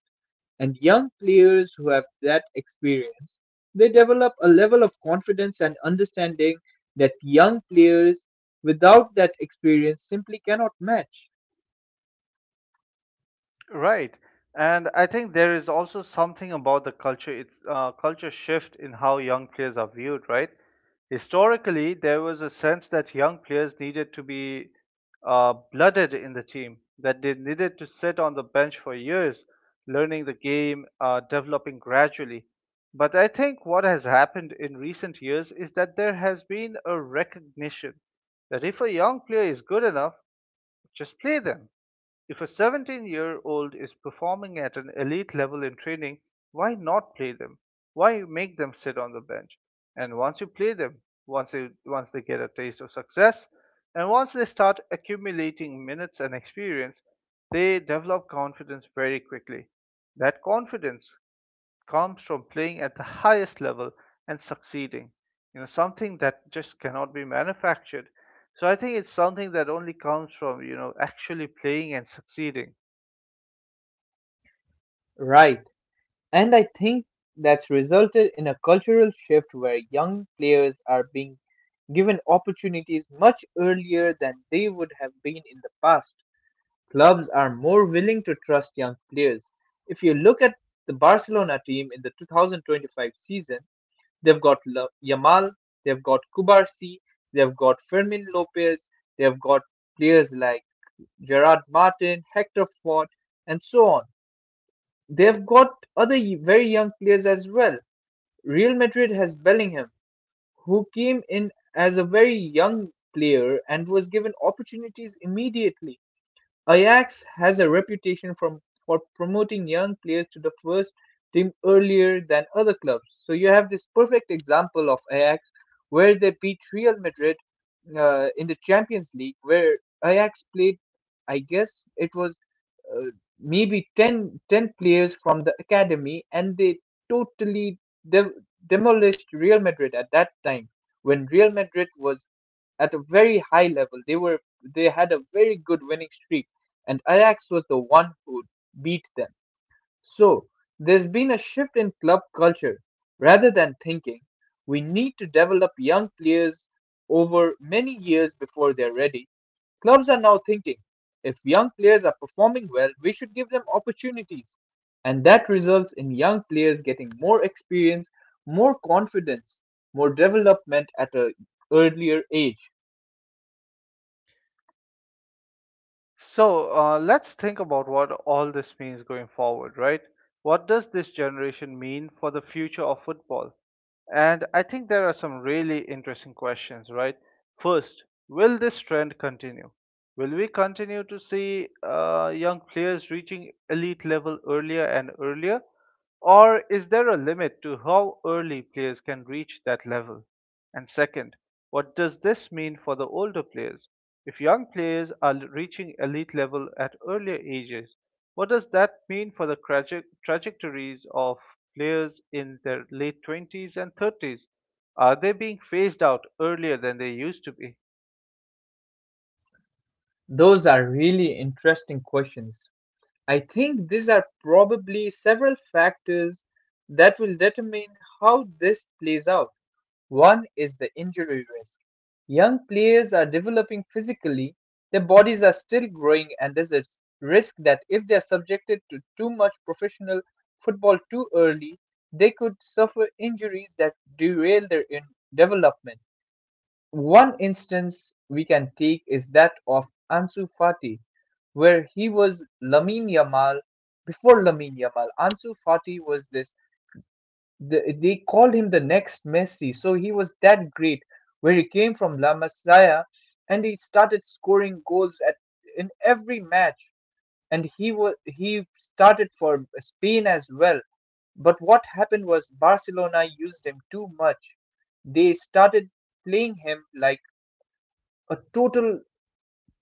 [SPEAKER 2] And young players who have that experience, they develop a level of confidence and understanding that young players without that experience simply cannot match.
[SPEAKER 1] Right. And I think there is also something about the culture, it's culture shift in how young players are viewed, right? Historically, there was a sense that young players needed to be blooded in the team, that they needed to sit on the bench for years, learning the game, developing gradually. But I think what has happened in recent years is that there has been a recognition that if a young player is good enough, just play them. If a 17-year-old is performing at an elite level in training, why not play them? Why make them sit on the bench? And once you play them, once they get a taste of success, and once they start accumulating minutes and experience, they develop confidence very quickly. That confidence comes from playing at the highest level and succeeding. You know, something that just cannot be manufactured. So I think it's something that only comes from, actually playing and succeeding.
[SPEAKER 2] Right. And I think that's resulted in a cultural shift where young players are being given opportunities much earlier than they would have been in the past. Clubs are more willing to trust young players. If you look at the Barcelona team in the 2025 season, they've got Yamal, they've got Kubarsi, they've got Fermin Lopez, they've got players like Gerard Martin, Hector Ford, and so on. They've got other very young players as well. Real Madrid has Bellingham, who came in as a very young player and was given opportunities immediately. Ajax has a reputation from for promoting young players to the first team earlier than other clubs. So you have this perfect example of Ajax where they beat Real Madrid in the Champions League, where Ajax played. I guess it was uh, maybe 10 players from the academy, and they totally de- demolished Real Madrid at that time when Real Madrid was at a very high level. They had a very good winning streak, and Ajax was the one who beat them. So there's been a shift in club culture, rather than thinking we need to develop young players over many years before they're ready. Clubs are now thinking if young players are performing well, we should give them opportunities. And that results in young players getting more experience, more confidence, more development at an earlier age.
[SPEAKER 1] So let's think about what all this means going forward, right? What does this generation mean for the future of football? And I think there are some really interesting questions, right? First, will this trend continue? Will we continue to see young players reaching elite level earlier and earlier? Or is there a limit to how early players can reach that level? And second, what does this mean for the older players? If young players are reaching elite level at earlier ages, what does that mean for the trajectories of players in their late 20s and 30s? Are they being phased out earlier than they used to be?
[SPEAKER 2] Those are really interesting questions. I think these are probably several factors that will determine how this plays out. One is the injury risk. Young players are developing physically, their bodies are still growing, and there's a risk that if they are subjected to too much professional football too early, they could suffer injuries that derail their development. One instance we can take is that of Ansu Fati, where he was Lamine Yamal. Before Lamine Yamal, Ansu Fati was they called him the next Messi. So he was that great, where he came from La Masia and he started scoring goals at in every match, and he started for Spain as well. But what happened was Barcelona used him too much. They started playing him like a total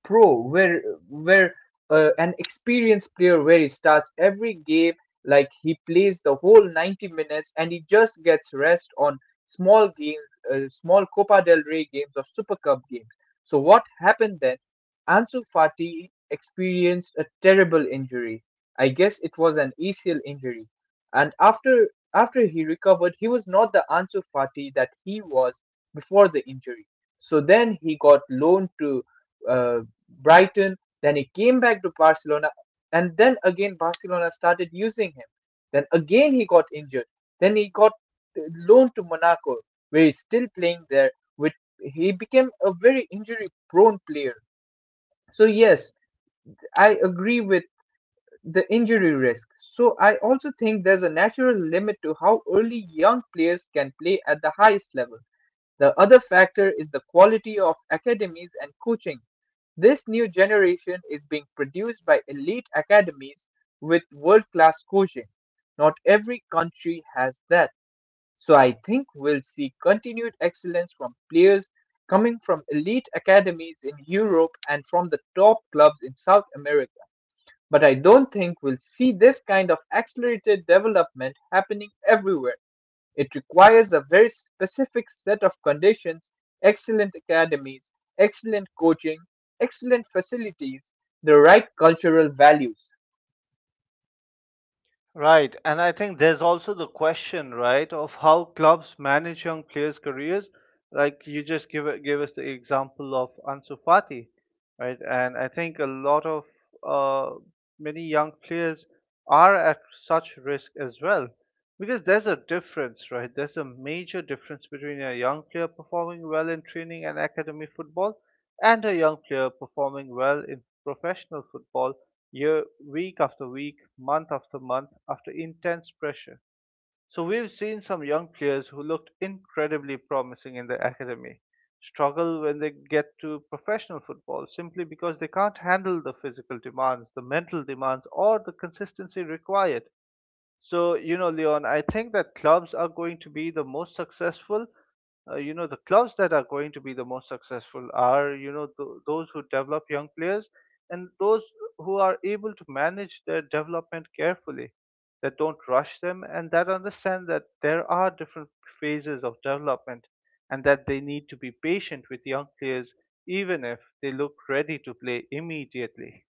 [SPEAKER 2] pro, where an experienced player, where he starts every game, like he plays the whole 90 minutes and he just gets rest on small games, small Copa del Rey games or Super Cup games. So what happened then, Ansu Fati experienced a terrible injury. I guess it was an ACL injury, and after he recovered he was not the Ansu Fati that he was before the injury. So then he got loaned to uh, Brighton, then he came back to Barcelona, and then again Barcelona started using him. Then again he got injured. Then he got uh, loaned to Monaco, where he's still playing there. With He became a very injury-prone player. So yes, I agree with the injury risk. So I also think there's a natural limit to how early young players can play at the highest level. The other factor is the quality of academies and coaching. This new generation is being produced by elite academies with world class coaching. Not every country has that. So I think we'll see continued excellence from players coming from elite academies in Europe and from the top clubs in South America. But I don't think we'll see this kind of accelerated development happening everywhere. It requires a very specific set of conditions: excellent academies, excellent coaching, excellent facilities, the right cultural values.
[SPEAKER 1] Right, and I think there's also the question, right, of how clubs manage young players' careers. Like you just give us the example of Ansu Fati, right? And I think a lot of uh, many young players are at such risk as well, because there's a difference, right? There's a major difference between a young player performing well in training and academy football, and a young player performing well in professional football year, week after week, month after month, after intense pressure. So we've seen some young players who looked incredibly promising in the academy struggle when they get to professional football simply because they can't handle the physical demands, the mental demands, or the consistency required. So, you know, Leon, I think that clubs are going to be the most successful. The clubs that are going to be the most successful are, those who develop young players and those who are able to manage their development carefully, that don't rush them, and that understand that there are different phases of development and that they need to be patient with young players, even if they look ready to play immediately.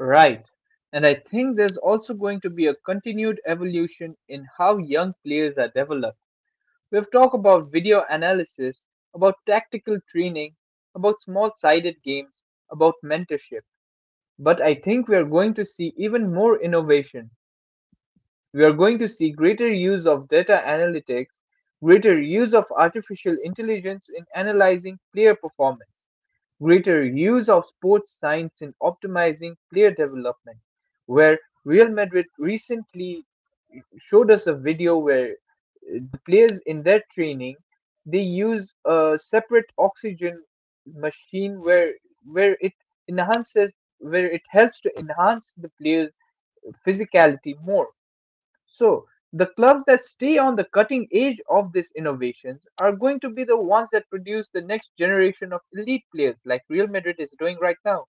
[SPEAKER 2] Right. And I think there's also going to be a continued evolution in how young players are developed. We've talked about video analysis, about tactical training, about small sided games, about mentorship. But I think we are going to see even more innovation. We are going to see greater use of data analytics, greater use of artificial intelligence in analyzing player performance, greater use of sports science in optimizing player development, where Real Madrid recently showed us a video where the players in their training, they use a separate oxygen machine where it enhances, where it helps to enhance the player's physicality more. So the clubs that stay on the cutting edge of these innovations are going to be the ones that produce the next generation of elite players, like Real Madrid is doing right now.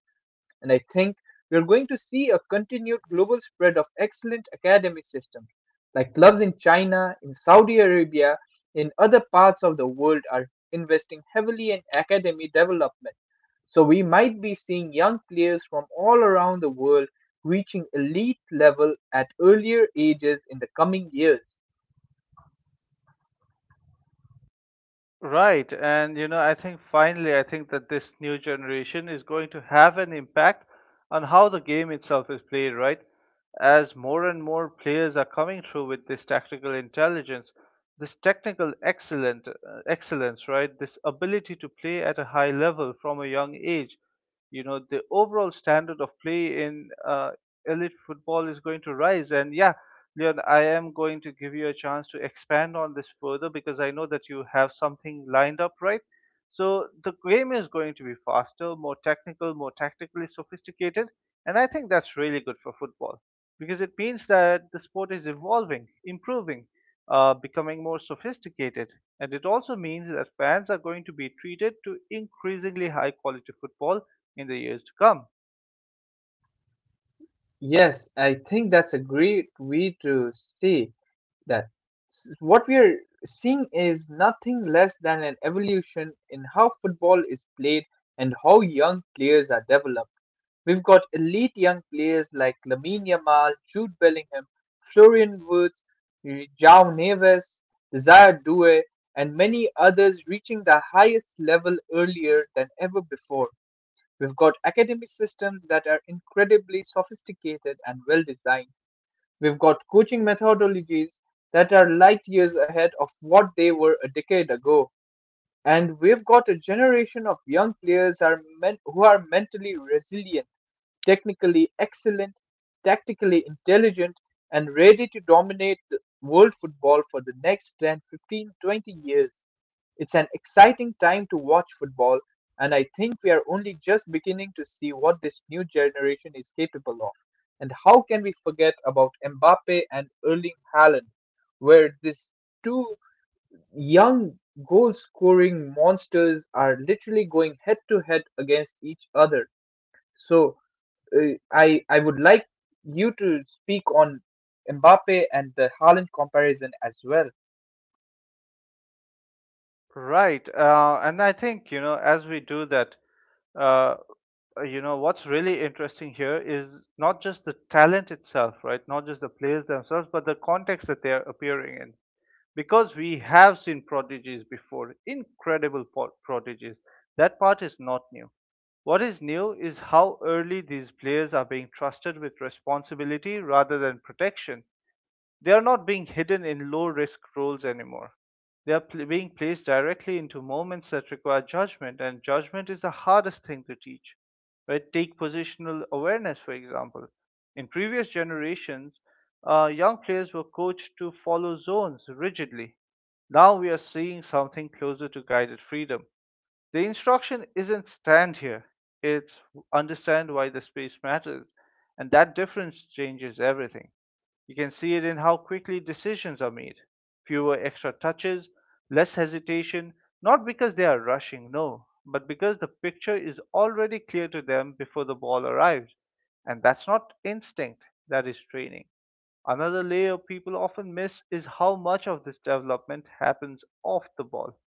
[SPEAKER 2] And I think we are going to see a continued global spread of excellent academy systems, like clubs in China, in Saudi Arabia, in other parts of the world are investing heavily in academy development. So we might be seeing young players from all around the world reaching elite level at earlier ages in the coming years.
[SPEAKER 1] Right. And, you know, I think finally, I think that this new generation is going to have an impact on how the game itself is played, right? As more and more players are coming through with this tactical intelligence, this excellence, right? This ability to play at a high level from a young age, you know, the overall standard of play in elite football is going to rise. And yeah, Leon, I am going to give you a chance to expand on this further because I know that you have something lined up, right? So the game is going to be faster, more technical, more tactically sophisticated, and I think that's really good for football because it means that the sport is evolving, improving, becoming more sophisticated, and it also means that fans are going to be treated to increasingly high quality football in the years to come.
[SPEAKER 2] Yes, I think that's a great way to say that what we are seeing is nothing less than an evolution in how football is played and how young players are developed. We've got elite young players like Lamine Yamal, Jude Bellingham, Florian Woods, João Neves, Desire Doue, and many others reaching the highest level earlier than ever before. We've got academy systems that are incredibly sophisticated and well designed. We've got coaching methodologies that are light years ahead of what they were a decade ago. And we've got a generation of young players who are mentally resilient, technically excellent, tactically intelligent, and ready to dominate the world football for the next 10, 15, 20 years. It's an exciting time to watch football, and I think we are only just beginning to see what this new generation is capable of. And how can we forget about Mbappe and Erling Haaland, where these two young goal scoring monsters are literally going head to head against each other? So, uh, I would like you to speak on Mbappe and the Haaland comparison as well.
[SPEAKER 1] Right. And I think, you know, as we do that, uh, you know, what's really interesting here is not just the talent itself, right? Not just the players themselves, but the context that they're appearing in. Because we have seen prodigies before, incredible prodigies. That part is not new. What is new is how early these players are being trusted with responsibility rather than protection. They are not being hidden in low risk roles anymore. They are being placed directly into moments that require judgment, and judgment is the hardest thing to teach. Right? Take positional awareness, for example. In previous generations, young players were coached to follow zones rigidly. Now we are seeing something closer to guided freedom. The instruction isn't stand here, it's understand why the space matters, and that difference changes everything. You can see it in how quickly decisions are made. Fewer extra touches, less hesitation, not because they are rushing, no, but because the picture is already clear to them before the ball arrives. And that's not instinct, that is training. Another layer people often miss is how much of this development happens off the ball,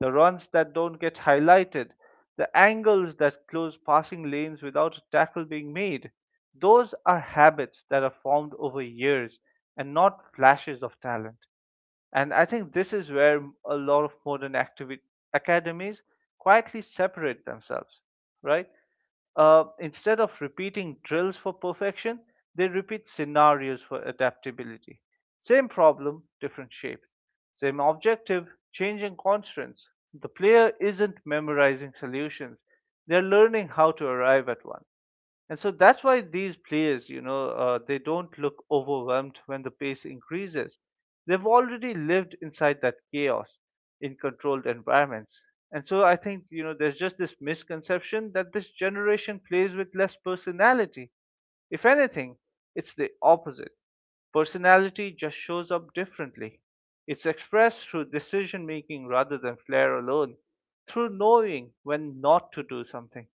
[SPEAKER 1] the runs that don't get highlighted, the angles that close passing lanes without a tackle being made. Those are habits that are formed over years and not flashes of talent. And I think this is where a lot of academies quietly separate themselves, right? Instead of repeating drills for perfection, they repeat scenarios for adaptability. Same problem, different shapes. Same objective, changing constraints. The player isn't memorizing solutions, they're learning how to arrive at one. And so that's why these players, they don't look overwhelmed when the pace increases. They've already lived inside that chaos in controlled environments. And so I think, there's just this misconception that this generation plays with less personality. If anything, it's the opposite. Personality just shows up differently. It's expressed through decision making rather than flair alone, through knowing when not to do something.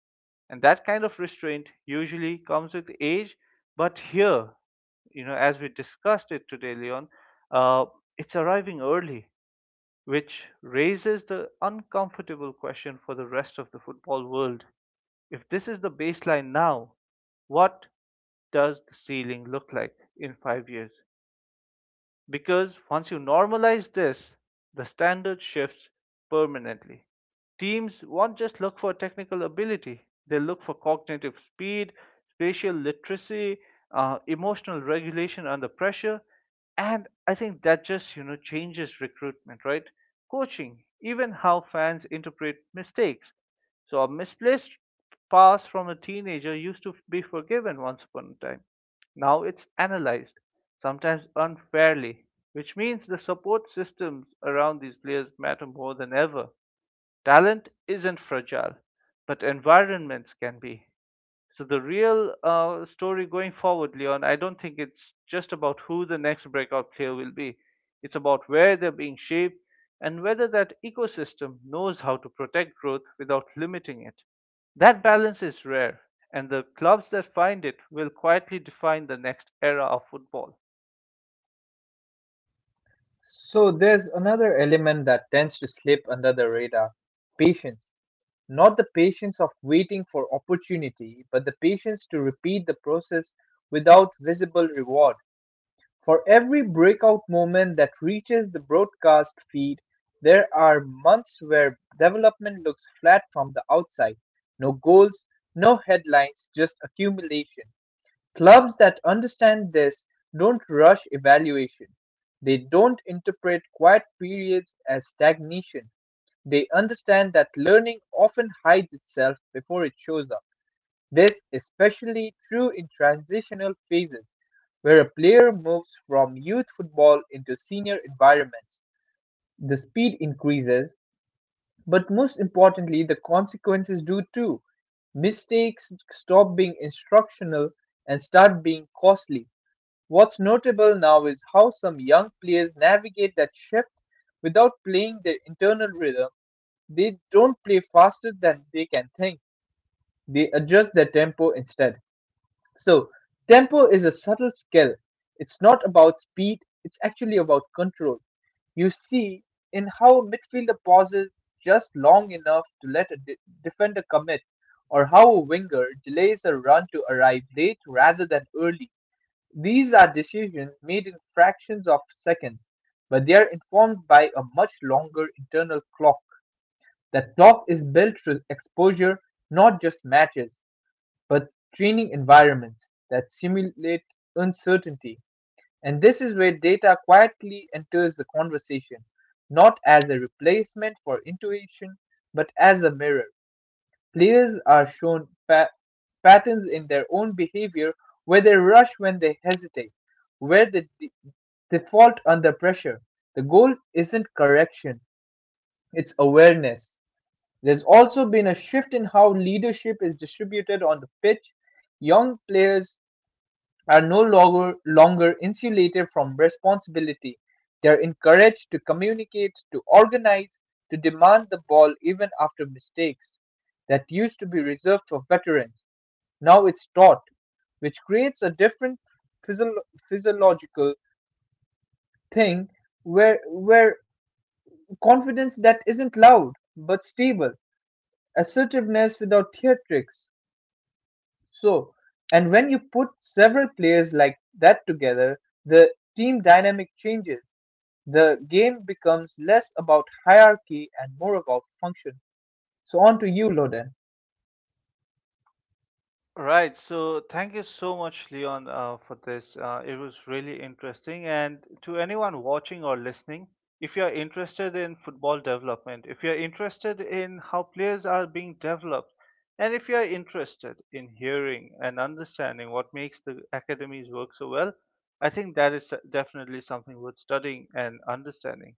[SPEAKER 1] And that kind of restraint usually comes with age, but here, as we discussed it today, Leon, uh, it's arriving early, which raises the uncomfortable question for the rest of the football world. If this is the baseline now, what does the ceiling look like in 5 years? Because once you normalize this, the standard shifts permanently. Teams won't just look for technical ability, they look for cognitive speed, spatial literacy, emotional regulation under pressure. And I think that just, changes recruitment, right? Coaching, even how fans interpret mistakes. So a misplaced pass from a teenager used to be forgiven once upon a time. Now it's analyzed, sometimes unfairly, which means the support systems around these players matter more than ever. Talent isn't fragile, but environments can be. So the real story going forward, Leon, I don't think it's just about who the next breakout player will be. It's about where they're being shaped and whether that ecosystem knows how to protect growth without limiting it. That balance is rare, and the clubs that find it will quietly define the next era of football.
[SPEAKER 2] So there's another element that tends to slip under the radar: patience. Not the patience of waiting for opportunity, but the patience to repeat the process without visible reward. For every breakout moment that reaches the broadcast feed, there are months where development looks flat from the outside. No goals, no headlines, just accumulation. Clubs that understand this don't rush evaluation. They don't interpret quiet periods as stagnation. They understand that learning often hides itself before it shows up. This is especially true in transitional phases, where a player moves from youth football into senior environments. The speed increases, but most importantly, the consequences do too. Mistakes stop being instructional and start being costly. What's notable now is how some young players navigate that shift without playing their internal rhythm. They don't play faster than they can think, they adjust their tempo instead. So, tempo is a subtle skill. It's not about speed, it's actually about control. You see in how a midfielder pauses just long enough to let a defender commit, or how a winger delays a run to arrive late rather than early. These are decisions made in fractions of seconds, but they are informed by a much longer internal clock. That clock is built through exposure, not just matches but training environments that simulate uncertainty. And this is where data quietly enters the conversation, not as a replacement for intuition, but as a mirror. Players are shown patterns in their own behavior, where they rush when they hesitate, where they default under pressure. The goal isn't correction, it's awareness. There's also been a shift in how leadership is distributed on the pitch. Young players are no longer, longer insulated from responsibility. They are encouraged to communicate, to organize, to demand the ball even after mistakes. That used to be reserved for veterans. Now it's taught, which creates a different physio- physiological thing, where confidence that isn't loud but stable, assertiveness without theatrics. So, and when you put several players like that together, the team dynamic changes. The game becomes less about hierarchy and more about function. So, on to you, Loden.
[SPEAKER 1] Right. So thank you so much, Leon, for this. It was really interesting. And to anyone watching or listening, if you're interested in football development, if you're interested in how players are being developed, and if you're interested in hearing and understanding what makes the academies work so well, I think that is definitely something worth studying and understanding,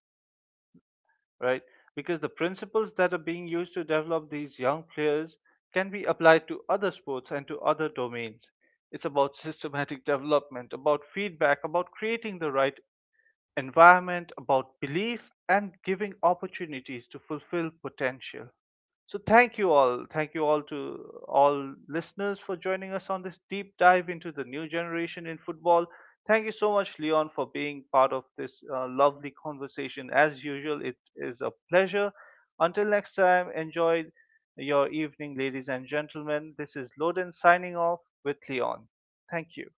[SPEAKER 1] right? Because the principles that are being used to develop these young players can be applied to other sports and to other domains. It's about [LAUGHS] systematic development, about feedback, about creating the right environment, about belief and giving opportunities to fulfill potential. So thank you all. Thank you all to all listeners for joining us on this deep dive into the new generation in football. Thank you so much, Leon, for being part of this lovely conversation. As usual, it is a pleasure. Until next time, enjoy your evening, ladies and gentlemen. This is Loden signing off with Leon. Thank you.